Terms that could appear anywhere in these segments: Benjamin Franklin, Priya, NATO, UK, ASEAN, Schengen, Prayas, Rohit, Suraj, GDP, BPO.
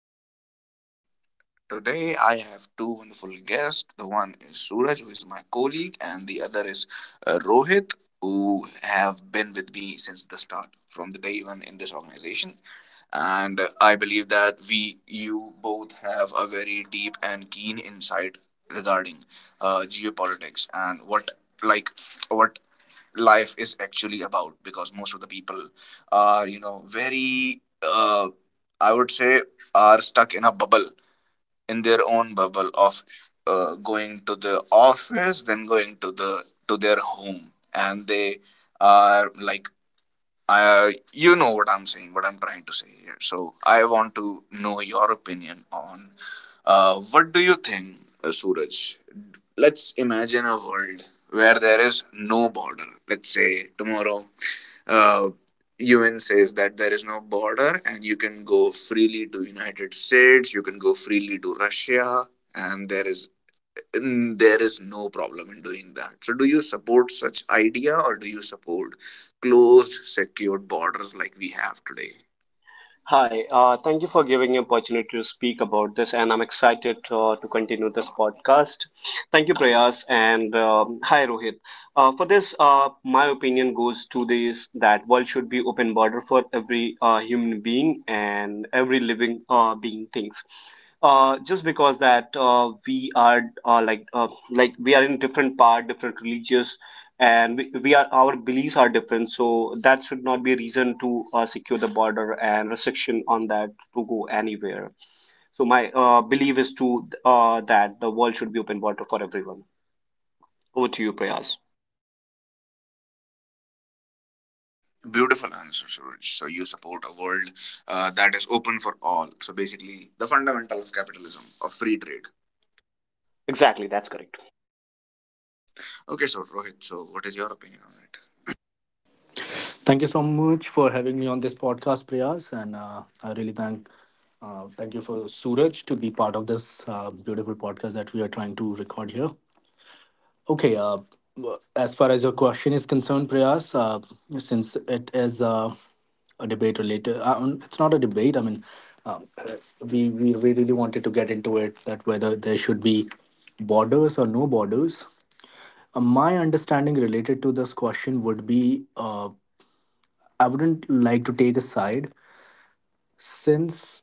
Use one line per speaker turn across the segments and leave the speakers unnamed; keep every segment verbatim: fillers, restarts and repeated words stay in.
podcast. And today I have two wonderful guests. The one is Suraj, who is my colleague, and the other is uh, Rohit, who have been with me since the start, from the day one in this organization. And uh, I believe that we, you both, have a very deep and keen insight regarding uh, geopolitics and what, like, what life is actually about because most of the people are you know very uh, I would say are stuck in a bubble in their own bubble of uh, going to the office then going to the to their home and they are like uh, you know what I'm saying, what I'm trying to say here. So I want to know your opinion on uh, what do you think, uh, Suraj. Let's imagine a world where there is no border. Let's say tomorrow, uh, U N says that there is no border and you can go freely to United States, you can go freely to Russia, and there is there is no problem in doing that. So, do you support such idea or do you support closed, secured borders like we have today?
Hi, uh, thank you for giving me opportunity to speak about this, and I'm excited uh, to continue this podcast. Thank you, Prayas, and um, hi, Rohit. Uh, for this, uh, my opinion goes to this that world should be open border for every uh, human being and every living uh, being things, uh, just because that uh, we are uh, like uh, like we are in different part different religious, and we, we are our beliefs are different, so that should not be a reason to uh, secure the border and restriction on that to go anywhere. So my uh, belief is to uh, that the world should be open border for everyone. Over to you, Prayas.
Beautiful answer, Suraj. So you support a world uh, that is open for all. So basically, the fundamental of capitalism, of free trade.
Exactly, that's correct.
Okay, so Rohit, so what is your opinion on it?
Thank you so much for having me on this podcast, Priyas, and uh, I really thank uh, thank you for Suraj to be part of this uh, beautiful podcast that we are trying to record here. Okay, uh, w- as far as your question is concerned, Priyas, uh, since it is uh, a debate related, uh, um, it's not a debate. I mean, um, we we we really wanted to get into it that whether there should be borders or no borders. Uh, my understanding related to this question would be. Uh, I wouldn't like to take a side since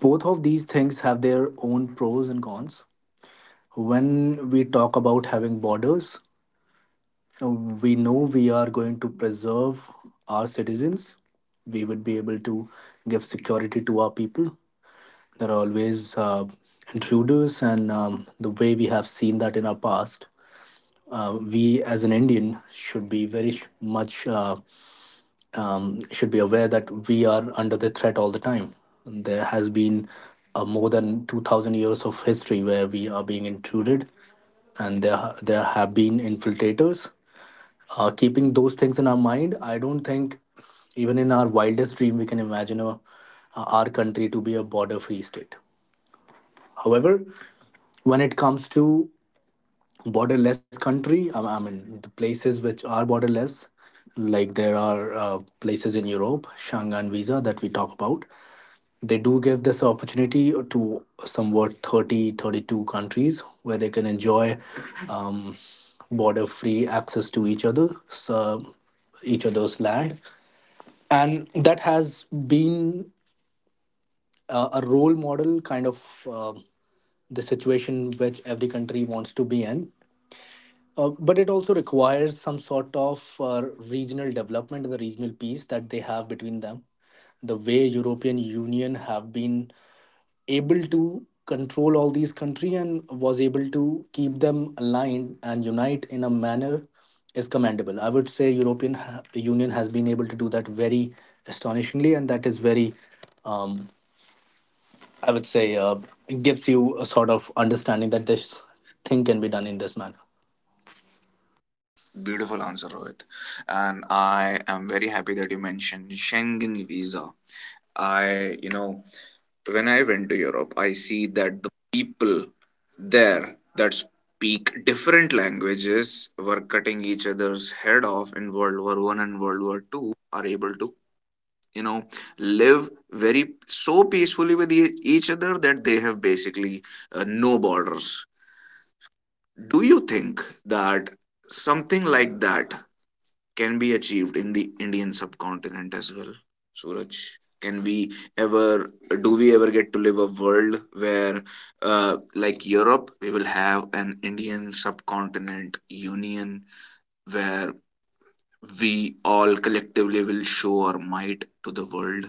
both of these things have their own pros and cons. When we talk about having borders, we know we are going to preserve our citizens. We would be able to give security to our people. There are always uh, intruders, and um, the way we have seen that in our past, uh, we as an Indian should be very sh- much uh, um, should be aware that we are under the threat all the time. There has been uh, more than two thousand years of history where we are being intruded, and there ha- there have been infiltrators. Uh, keeping those things in our mind, I don't think even in our wildest dream we can imagine a, uh, our country to be a border-free state. However, when it comes to borderless country. I I mean, the places which are borderless, like there are uh, places in Europe, Schengen visa that we talk about. They do give this opportunity to somewhat thirty, thirty-two countries where they can enjoy um, border-free access to each other, so each other's land, and that has been uh, a role model kind of. um the situation which every country wants to be in, uh, but it also requires some sort of uh, regional development and the regional peace that they have between them. The way European Union have been able to control all these country and was able to keep them aligned and unite in a manner is commendable. I would say European ha- Union has been able to do that very astonishingly, and that is very, um, I would say, uh, gives you a sort of understanding that this thing can be done in this manner.
Beautiful answer, Rohit. And I am very happy that you mentioned Schengen visa. I, you know, when I went to Europe, I see that the people there that speak different languages were cutting each other's head off in World War One and World War Two are able to, you know, live very so peacefully with e- each other that they have basically uh, no borders. Do you think that something like that can be achieved in the Indian subcontinent as well? Suraj, can we ever, do we ever get to live a world where, uh, like Europe, we will have an Indian subcontinent union where we all collectively will show our might to the world?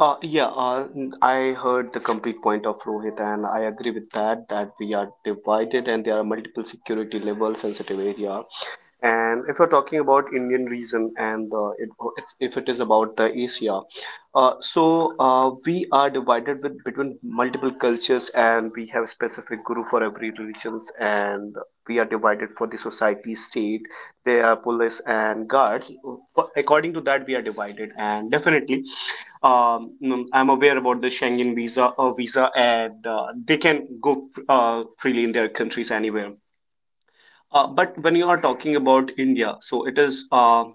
Uh, yeah, uh, I heard the complete point of Rohit, and I agree with that, that we are divided and there are multiple security level sensitive area. And if you're talking about Indian region and uh, it, it's, if it is about the Asia, uh, so uh, we are divided with between multiple cultures, and we have a specific guru for every religions, and we are divided for the society state. There are police and guards. According to that, we are divided, and definitely um, mm, I'm aware about the Schengen visa or uh, visa, and uh, they can go uh, freely in their countries anywhere. Uh, but when you are talking about India, so it is uh,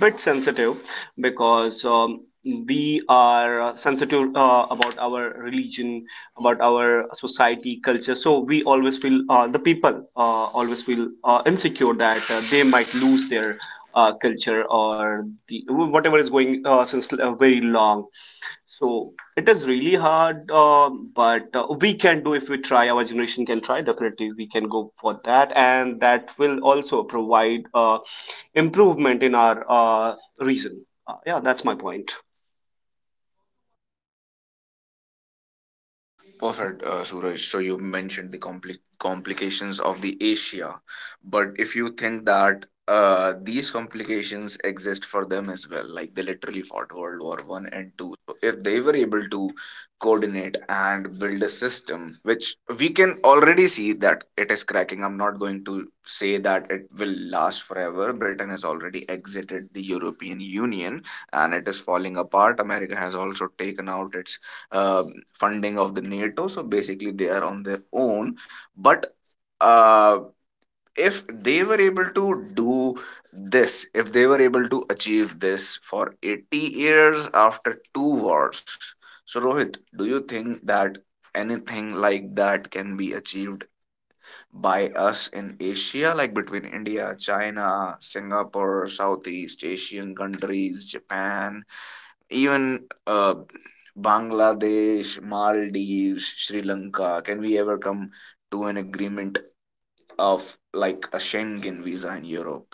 bit sensitive, because um, we are uh, sensitive uh, about our religion, about our society culture, so we always feel uh, the people uh, always feel uh, insecure that uh, they might lose their uh, culture or the whatever is going uh, since uh, very long. So it is really hard, uh, but uh, we can do if we try. Our generation can try. Definitely, we can go for that, and that will also provide uh, improvement in our uh, reason. Uh, yeah, that's my point.
Perfect, uh, Suraj. So you mentioned the compli- complications of the Asia, but if you think that uh, these complications exist for them as well, like they literally fought World War One and Two. So if they were able to coordinate and build a system, which we can already see that it is cracking. I'm not going to say that it will last forever. Britain has already exited the European Union and it is falling apart. America has also taken out its um funding of the NATO. So basically, they are on their own. But uh, if they were able to do this, if they were able to achieve this for eighty years after two wars, so Rohit, do you think that anything like that can be achieved by us in Asia, like between India, China, Singapore, Southeast Asian countries, Japan? Even, uh, Bangladesh, Maldives, Sri Lanka, can we ever come to an agreement of like a Schengen visa in Europe?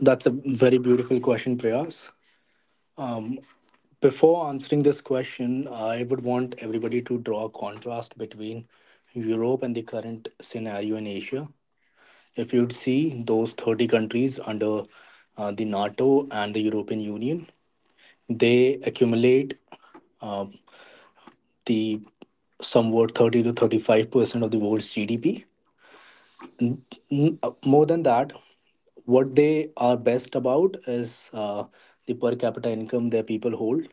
That's a very beautiful question, Prayas. Before answering this question, I would want everybody to draw a contrast between Europe and the current scenario in Asia. If you'd see those thirty countries under uh, the NATO and the European Union, they accumulate uh, the somewhat thirty to thirty-five percent of the world's G D P. uh, More than that, what they are best about is uh, the per capita income their people hold.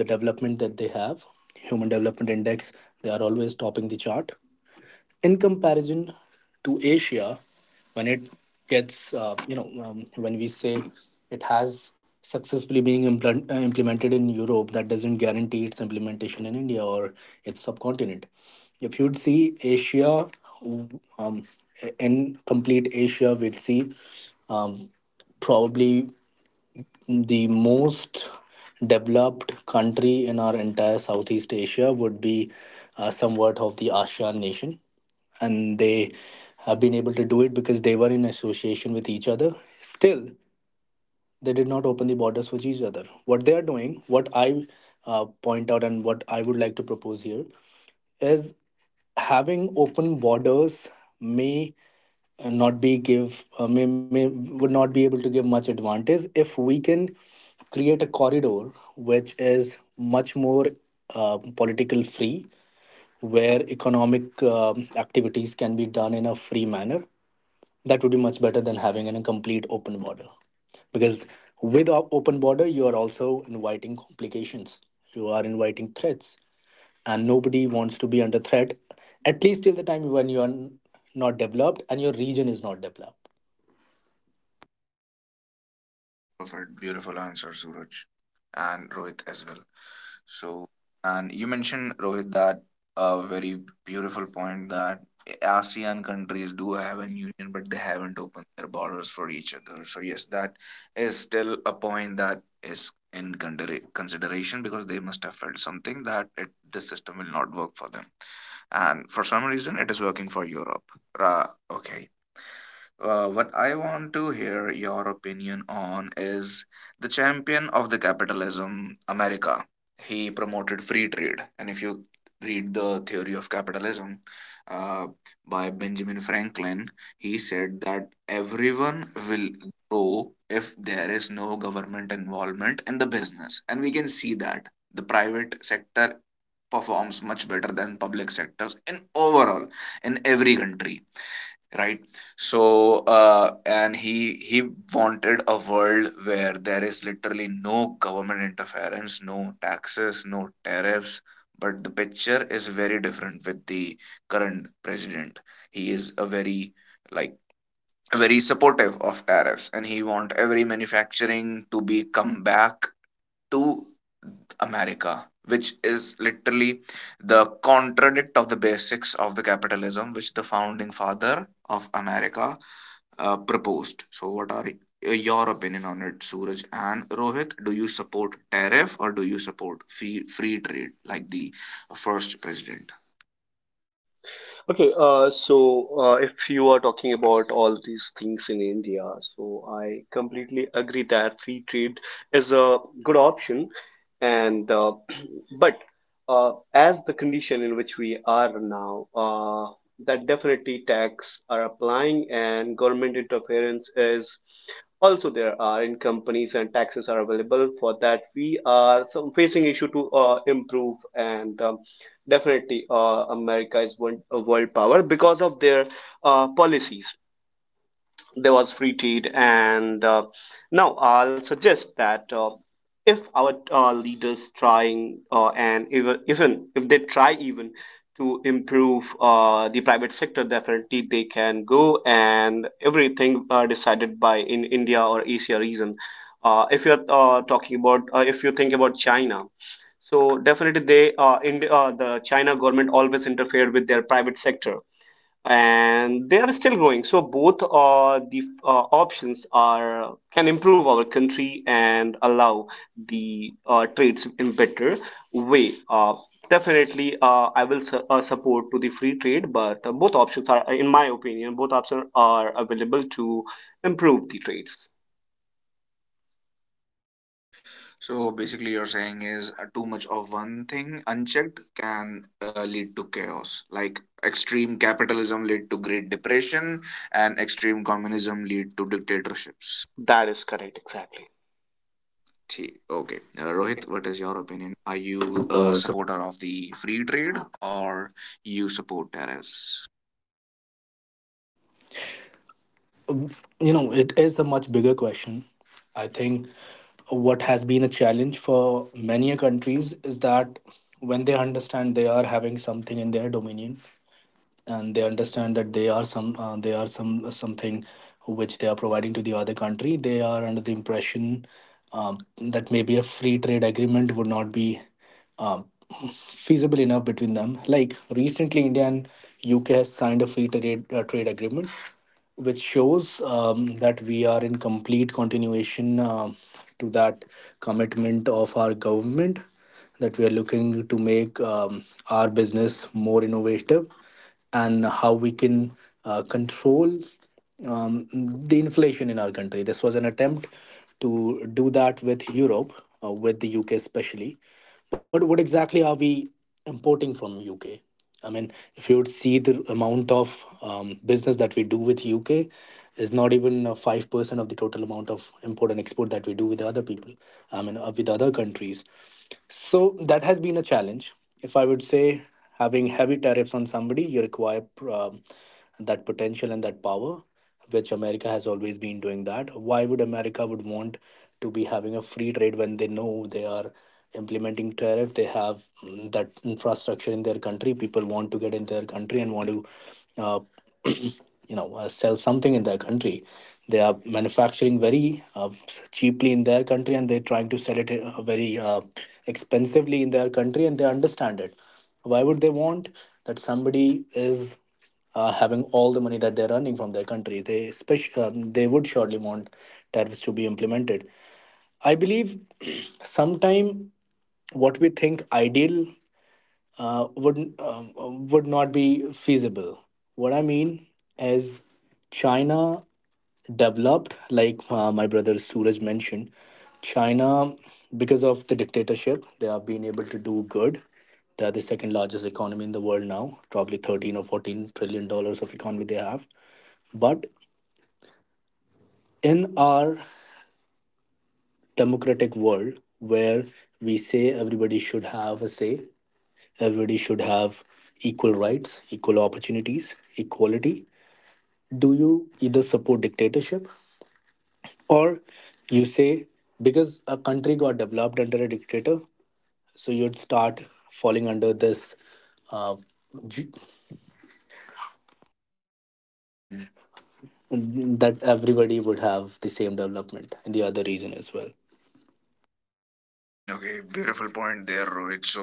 The development that they have, human development index, they are always topping the chart in comparison to Asia. When it gets uh, you know um, when we say it has successfully being implant, uh, implemented in Europe, that doesn't guarantee its implementation in India or its subcontinent. If you'd see asia um, in complete Asia we'd see, um, probably, the most developed country in our entire Southeast Asia would be uh, somewhat of the ASEAN nation. And they have been able to do it because they were in association with each other. Still, they did not open the borders for each other. What they are doing, what I uh, point out and what I would like to propose here, is having open borders may uh, not be give uh, may, may would not be able to give much advantage if we can create a corridor which is much more uh, political free, where economic um, activities can be done in a free manner. That would be much better than having a complete open border, because with a open border you are also inviting complications, you are inviting threats, and nobody wants to be under threat, at least till the time when you are n- not developed and your region is not developed.
Perfect. Beautiful answer, Suraj and Rohit as well. So, and you mentioned, Rohit, that a very beautiful point that ASEAN countries do have an union, but they haven't opened their borders for each other. So, yes, that is still a point that is in consider- consideration because they must have felt something that it, this system will not work for them. And for some reason, it is working for Europe. Ra- okay. Uh, what I want to hear your opinion on is the champion of the capitalism, America. He promoted free trade, and if you read the theory of capitalism uh, by Benjamin Franklin, he said that everyone will grow if there is no government involvement in the business, and we can see that the private sector performs much better than public sectors in overall in every country, right? So uh, and he he wanted a world where there is literally no government interference, no taxes, no tariffs. But the picture is very different with the current president. He is a very, like, very supportive of tariffs and he want every manufacturing to be come back to America, which is literally the contradict of the basics of the capitalism, which the founding father of America uh, proposed. So, what are your opinion on it, Suraj and Rohit? Do you support tariff or do you support free, free trade like the first president?
Okay, uh, so uh, if you are talking about all these things in India, so I completely agree that free trade is a good option, and uh, but uh, as the condition in which we are now. Uh, that definitely tax are applying and government interference is also there are in companies, and taxes are available for that we are some facing issue to uh, improve and um, definitely uh, America is one a world power because of their uh, policies. There was free trade, and uh, now I'll suggest that uh, if our uh, leaders trying uh, and even, even if they try even to improve uh, the private sector, definitely they can go and everything uh, decided by in India or Asia region. Uh, if you're uh, talking about uh, if you think about China, so definitely they uh, in, uh, the China government always interfered with their private sector, and they are still growing. So both uh, the uh, options are can improve our country and allow the uh, trades in better way. Uh, definitely, uh, I will su- uh, support to the free trade, but uh, both options are, in my opinion, both options are available to improve the trades.
So basically, you're saying is uh, too much of one thing unchecked can uh, lead to chaos. Like extreme capitalism lead to Great Depression, and extreme communism lead to dictatorships.
That is correct, exactly.
Thi- Okay, uh, Rohit, what is your opinion? Are you a supporter of the free trade or you support tariffs?
You know it is a much bigger question. I think what has been a challenge for many a countries is that when they understand they are having something in their dominion, and they understand that they are some uh, they are some something which they are providing to the other country, they are under the impression, um, that maybe a free trade agreement would not be um, feasible enough between them, like recently India and UK has signed a free trade uh, trade agreement, which shows um, that we are in complete continuation um to that commitment of our government, that we are looking to make um, our business more innovative and how we can uh, control um, the inflation in our country. This was an attempt to do that with Europe, uh, with the U K especially. But what exactly are we importing from U K? I mean, if you would see the amount of um, business that we do with U K is not even five percent of the total amount of import and export that we do with other people. I mean, uh, with other countries. So that has been a challenge. If I would say, having heavy tariffs on somebody, you require um, that potential and that power, which America has always been doing that. Why would America would want to be having a free trade when they know they are implementing tariff? They have mm, that infrastructure in their country. People want to get in their country and want to uh, you know uh, sell something in their country. They are manufacturing very uh, cheaply in their country, and they're trying to sell it uh, very uh, expensively in their country, and they understand it. Why would they want that somebody is uh, having all the money that they're earning from their country? They spec- um, they would surely want tariffs to be implemented, I believe. sometime what we think ideal uh, would uh, would not be feasible. What I mean is, China developed, like uh, my brother Suraj mentioned, China, because of the dictatorship, they have been able to do good. They are the second largest economy in the world now, probably thirteen or fourteen trillion dollars of economy they have. But in our democratic world, where we say everybody should have a say, Everybody should have equal rights, equal opportunities, equality. Do you either support dictatorship, or you say, because a country got developed under a dictator, so you'd start falling under this uh, g- that everybody would have the same development in the other region as well?
Okay, beautiful point there, Rohit. So,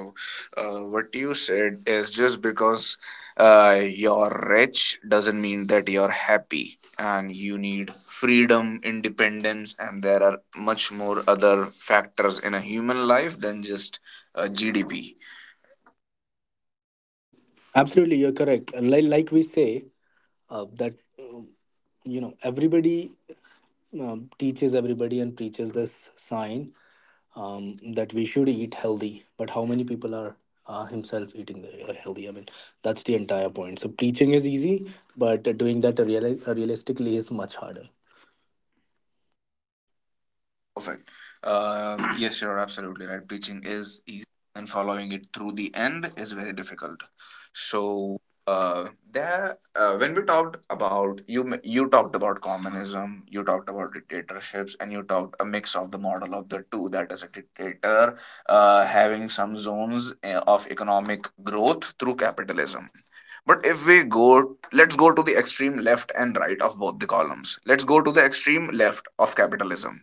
uh, what you said is just because uh, you're rich doesn't mean that you're happy, and you need freedom, independence, and there are much more other factors in a human life than just uh, G D P.
Absolutely, you're correct. Like, like we say uh, that uh, you know everybody um, teaches everybody and preaches this sign, um, that we should eat healthy, but how many people are uh, himself eating the- uh, healthy? I mean, that's the entire point. So preaching is easy, but uh, doing that real- uh, realistically is much harder.
Perfect. Uh, yes, you're absolutely right. Preaching is easy, and following it through the end is very difficult. So, uh, there, uh, when we talked about you, m- you talked about communism, you talked about dictatorships, and you talked a mix of the model of the two. That is, a dictator uh, having some zones uh, of economic growth through capitalism. But if we go, let's go to the extreme left and right of both the columns. Let's go to the extreme left of capitalism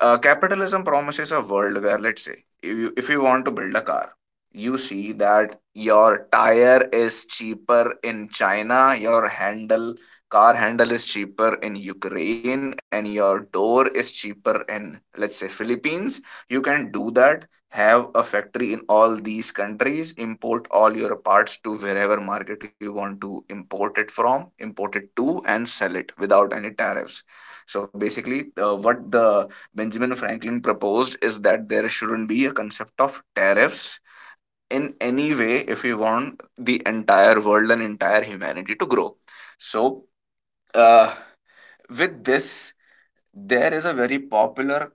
uh, capitalism Promises a world where, let's say, if you, if you want to build a car, you see that your tire is cheaper in China, your handle, car handle is cheaper in Ukraine, and your door is cheaper in, let's say, Philippines. You can do that. Have a factory in all these countries, import all your parts to wherever market you want to import it from, import it to, and sell it without any tariffs. So basically, uh, what the Benjamin Franklin proposed is that there shouldn't be a concept of tariffs in any way if we want the entire world and entire humanity to grow. So, uh, with this, there is a very popular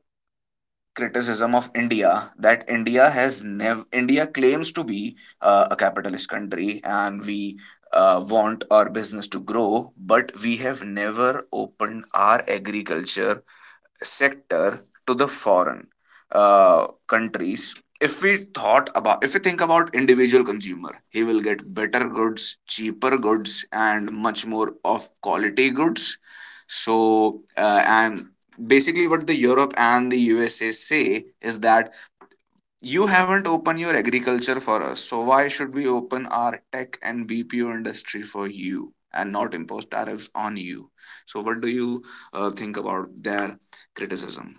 criticism of India that India has never India claims to be uh, a capitalist country and we uh, want our business to grow, but we have never opened our agriculture sector to the foreign uh, countries. If we thought about if we think about individual consumer, he will get better goods, cheaper goods, and much more of quality goods. So uh, and basically what the Europe and the USA say is that you haven't opened your agriculture for us, so why should we open our tech and B P O industry for you and not impose tariffs on you? So, what do you uh, think about their criticism?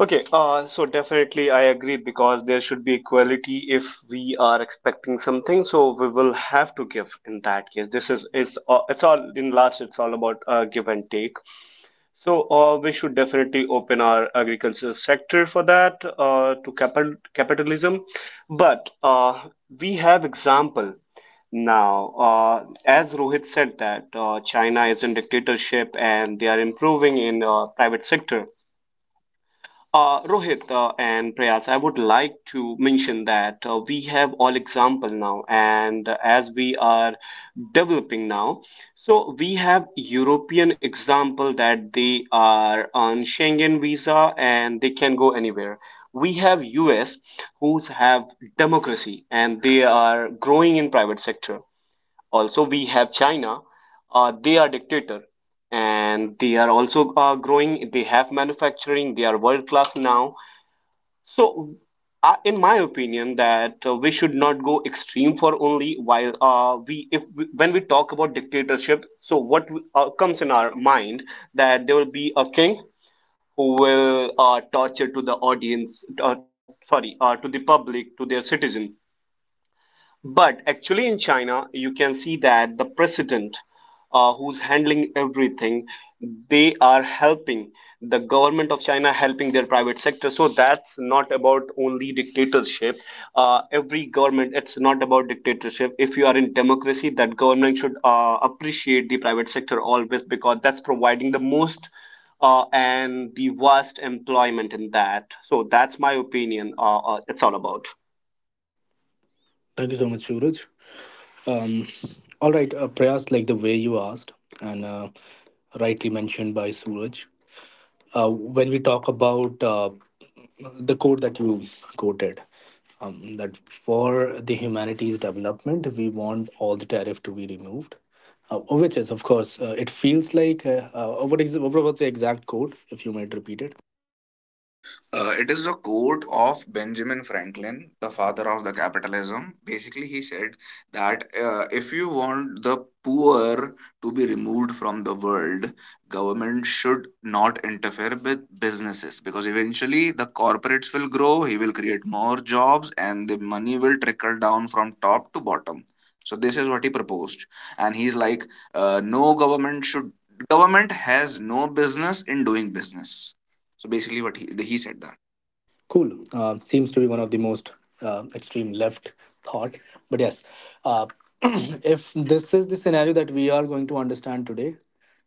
Okay, uh, so definitely I agree, because there should be equality. If we are expecting something, so we will have to give in that case. This is it's all, it's all in last it's all about uh, give and take. So uh, we should definitely open our agriculture sector for that uh, to capital capitalism, but uh, we have example. Now, uh, as Rohit said that uh, China is in dictatorship and they are improving in uh, private sector. Uh, Rohit uh, and Prayas, I would like to mention that uh, we have all example now, and uh, as we are developing now, so we have European example that they are on Schengen visa and they can go anywhere. We have U S who's have democracy and they are growing in private sector. Also, we have China. Uh, they are dictator, and they are also uh, growing. They have manufacturing. They are world class now. So uh, in my opinion that uh, we should not go extreme for only while uh, we if we, when we talk about dictatorship, so what uh, comes in our mind that there will be a king who will uh, torture to the audience, uh, sorry, uh, to the public, to their citizen. But actually, in China, you can see that the president, uh, who's handling everything, they are helping, the government of China helping their private sector. So that's not about only dictatorship. Uh, every government, it's not about dictatorship. If you are in democracy, that government should uh, appreciate the private sector always, because that's providing the most uh, and the vast employment in that. So that's my opinion. Uh, uh, it's all about.
Thank you so much, Suraj. Um, all right, uh, prayers, like the way you asked and uh, rightly mentioned by Suraj. Uh, when we talk about uh, the quote that you quoted, um, that for the humanities development we want all the tariff to be removed, uh, which is of course, uh, it feels like, uh, uh, what is what was the exact quote, if you might repeat it?
Uh, it is a quote of Benjamin Franklin, the father of the capitalism. Basically, he said that uh, if you want the poor to be removed from the world, government should not interfere with businesses because eventually the corporates will grow, he will create more jobs, and the money will trickle down from top to bottom. So this is what he proposed, and he's like, uh, no government should government has no business in doing business. So basically, what he he said that.
Cool, uh, seems to be one of the most uh, extreme left thought, but yes, uh, if this is the scenario that we are going to understand today,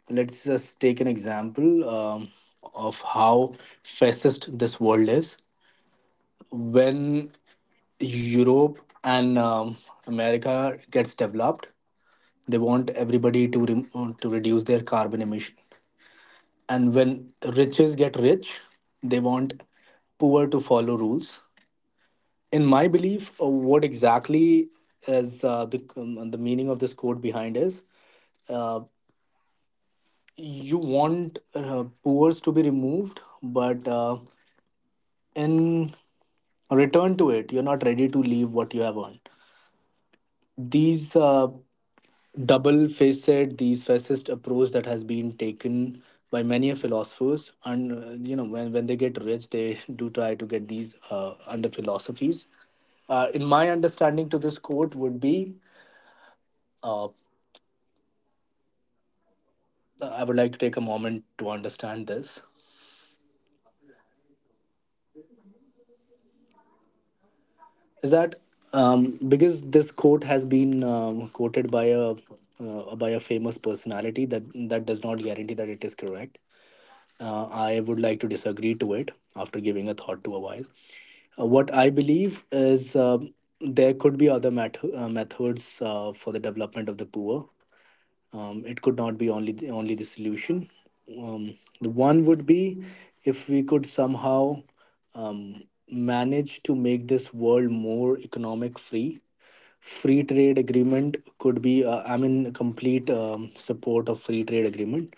let's just take an example um, of how fascist this world is. When Europe and um, America gets developed, they want everybody to re- to reduce their carbon emission. And when riches get rich, they want poor to follow rules. In my belief, uh, what exactly is uh, the um, the meaning of this code behind is, uh, you want uh, poor to be removed, but uh, in return to it, you're not ready to leave what you have earned. These uh, double facet, these facet approach that has been taken by many philosophers, and uh, you know when, when they get rich, they do try to get these uh, under philosophies. Uh, in my understanding to this quote would be, uh, I would like to take a moment to understand this, is that, um, because this quote has been um, quoted by a uh, by a famous personality, that that does not guarantee that it is correct. Uh, I would like to disagree to it after giving a thought to a while. Uh, what I believe is, um, there could be other met- uh, methods uh, for the development of the poor. Um, it could not be only the, only the solution. Um, the one would be if we could somehow um, manage to make this world more economic free. Free trade agreement could be, uh, i mean, complete um, support of free trade agreement,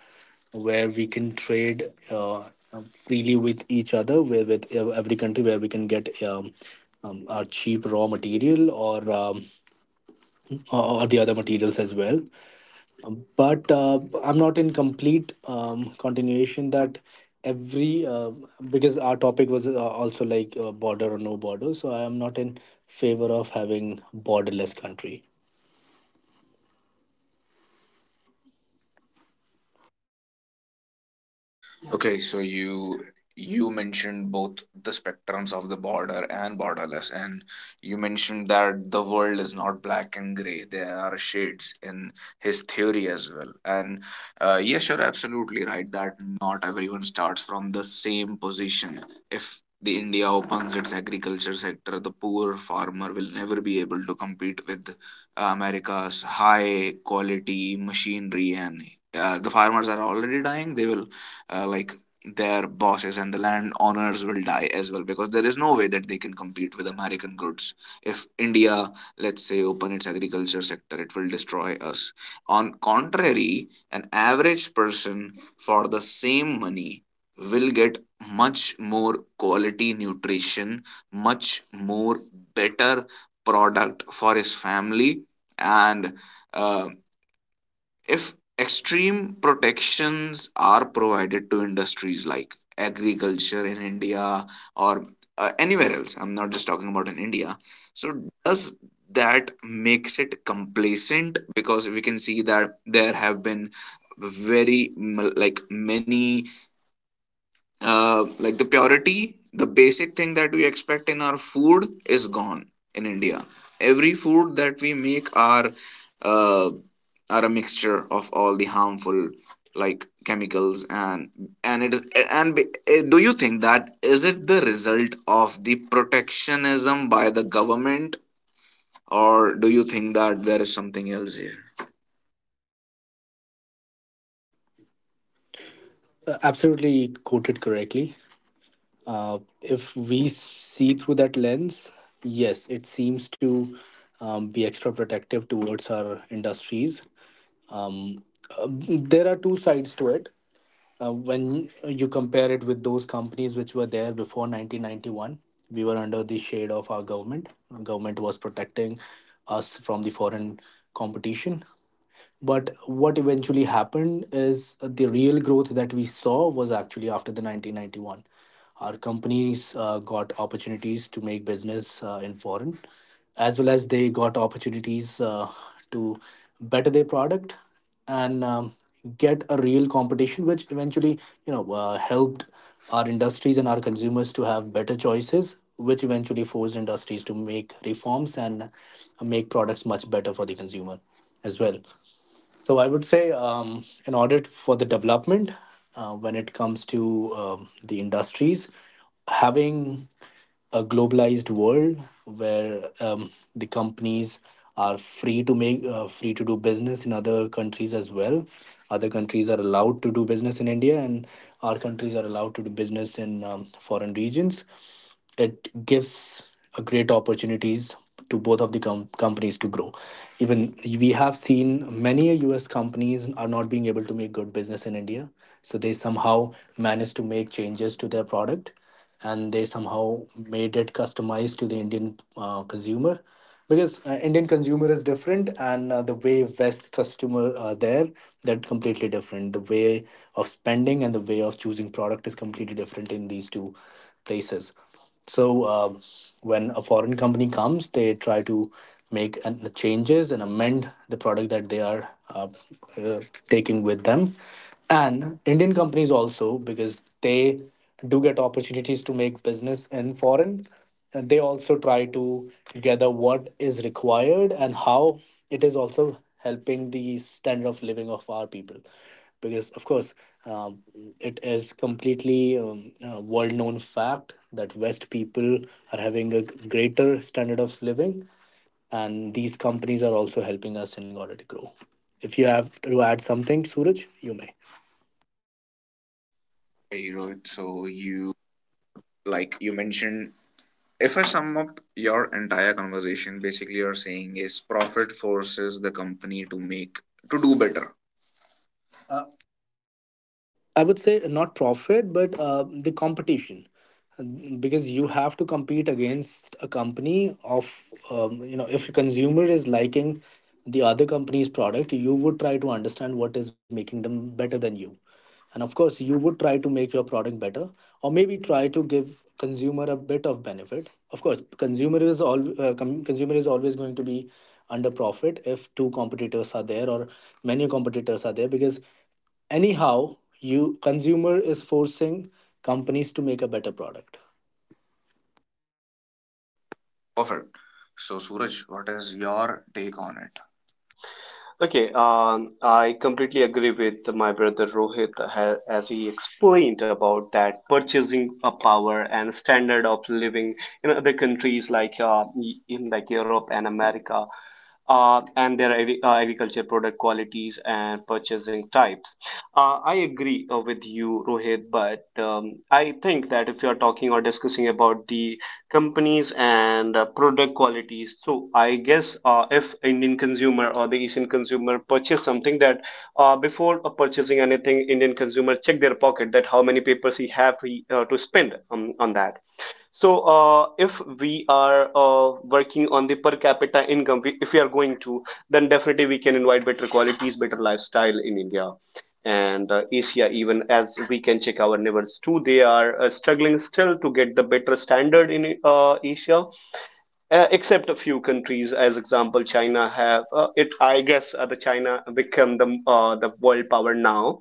where we can trade uh, freely with each other, where with uh, every country where we can get um, um, our cheap raw material or um, or the other materials as well. Um, But uh, I'm not in complete um, continuation that every uh, because our topic was uh, also like uh, border or no border, so I am not in favor of having borderless country.
Okay, so you you mentioned both the spectrums of the border and borderless, and you mentioned that the world is not black and gray. There are shades in his theory as well. And uh, yes, you're absolutely right that not everyone starts from the same position. If the India opens its agriculture sector, the poor farmer will never be able to compete with America's high quality machinery, and uh, the farmers are already dying. They will, uh, like their bosses and the land owners will die as well because there is no way that they can compete with American goods. If India, let's say, open its agriculture sector, it will destroy us. On contrary, an average person for the same money will get much more quality nutrition, much more better product for his family. And uh, if extreme protections are provided to industries like agriculture in India or uh, anywhere else, I'm not just talking about in India. So does that makes it complacent? Because we can see that there have been very, mm, like many, uh, like the purity, the basic thing that we expect in our food is gone in India. Every food that we make are uh, are a mixture of all the harmful, like, chemicals and and it is and be- eh, do you think that is it the result of the protectionism by the government or do you think that there is something else here?
Uh, absolutely quoted correctly. Uh, if we see through that lens, yes, it seems to um, be extra protective towards our industries. Um, uh, there are two sides to it. Uh, when you compare it with those companies which were there before nineteen ninety-one, we were under the shade of our government. Our government was protecting us from the foreign competition, but what eventually happened is uh, the real growth that we saw was actually after the nineteen ninety-one. Our companies uh, got opportunities to make business uh, in foreign, as well as they got opportunities uh, to better their product, and um, get a real competition, which eventually you know uh, helped our industries and our consumers to have better choices, which eventually forced industries to make reforms and make products much better for the consumer as well. So I would say, um, in order for the development, uh, when it comes to um, the industries, having a globalized world where um, the companies are free to make uh, free to do business in other countries as well. Other countries are allowed to do business in India, and our countries are allowed to do business in um, foreign regions. It gives a great opportunities to both of the com- companies to grow. Even we have seen many us companies are not being able to make good business in india, so they somehow managed to make changes to their product, and they somehow made it customized to the indian uh, consumer, because uh, indian consumer is different, and uh, the way west customer are there, they're completely different. The way of spending and the way of choosing product is completely different in these two places. So um when a foreign company comes, they try to make an, changes and amend the product that they are uh, uh, taking with them. And Indian companies also, because they do get opportunities to make business in foreign, and they also try to gather what is required and how it is also helping the standard of living of our people, because of course, um, it is completely um, a world-known fact that west people are having a greater standard of living, and these companies are also helping us in order to grow. If you have to add something, suraj, you may.
Hey, Rohit, so you like you mentioned, if I sum up your entire conversation, basically you're saying is profit forces the company to make to do better.
I would say not profit, but uh, the competition, because you have to compete against a company of um, you know, if a consumer is liking the other company's product, you would try to understand what is making them better than you, and of course you would try to make your product better, or maybe try to give consumer a bit of benefit. Of course, consumer is all uh, com- consumer is always going to be under profit if two competitors are there or many competitors are there, because anyhow you consumer is forcing companies to make a better product.
Perfect. So Suraj, what is your take on it?
Okay, um, I completely agree with my brother Rohit ha- as he explained about that purchasing a power and standard of living in other countries like uh, in like Europe and America. Uh, and their agri- uh, agriculture product qualities and purchasing types. Uh, I agree uh, with you, Rohit, but um, I think that if you are talking or discussing about the companies and uh, product qualities, so I guess uh, if Indian consumer or the Asian consumer purchase something that uh, before uh, purchasing anything, Indian consumer check their pocket that how many papers he have to, uh, to spend on on that. So uh, if we are uh, working on the per capita income we, if we are going to, then definitely we can invite better qualities, better lifestyle in India and uh, Asia. Even as we can check our neighbors too, they are uh, struggling still to get the better standard in uh, Asia, uh, except a few countries as example China have uh, it I guess uh, the China become the uh, the world power now.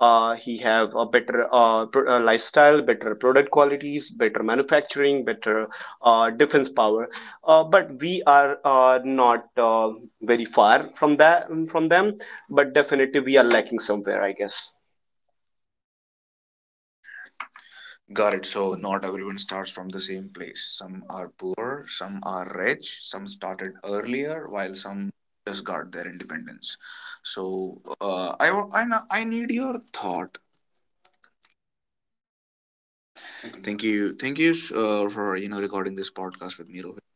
uh, He have a better uh, pr- uh, lifestyle, better product qualities, better manufacturing, better uh, defense power. Uh, but we are uh, not uh, very far from that from them, but definitely we are lacking somewhere, I guess.
Got it. So not everyone starts from the same place. Some are poor, some are rich, some started earlier, while some just got their independence. So uh, I, wa- I na- I need your thought. Yeah. Thank you. Thank you thank you uh, for, you know, recording this podcast with me, Rohit.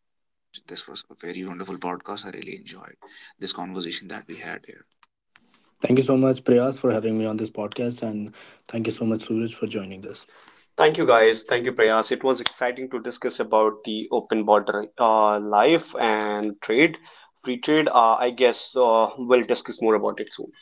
This was a very wonderful podcast. I really enjoyed this conversation that we had here.
Thank you so much priyas for having me on this podcast, and thank you so much suraj for joining this. Thank
Thank you,
you,
guys.
guys.
Thank
Thank
you,
you, Priyas.
Prayas. It was exciting to discuss about the open border uh, life and trade, free trade. Uh, I guess uh, we'll discuss more about it soon.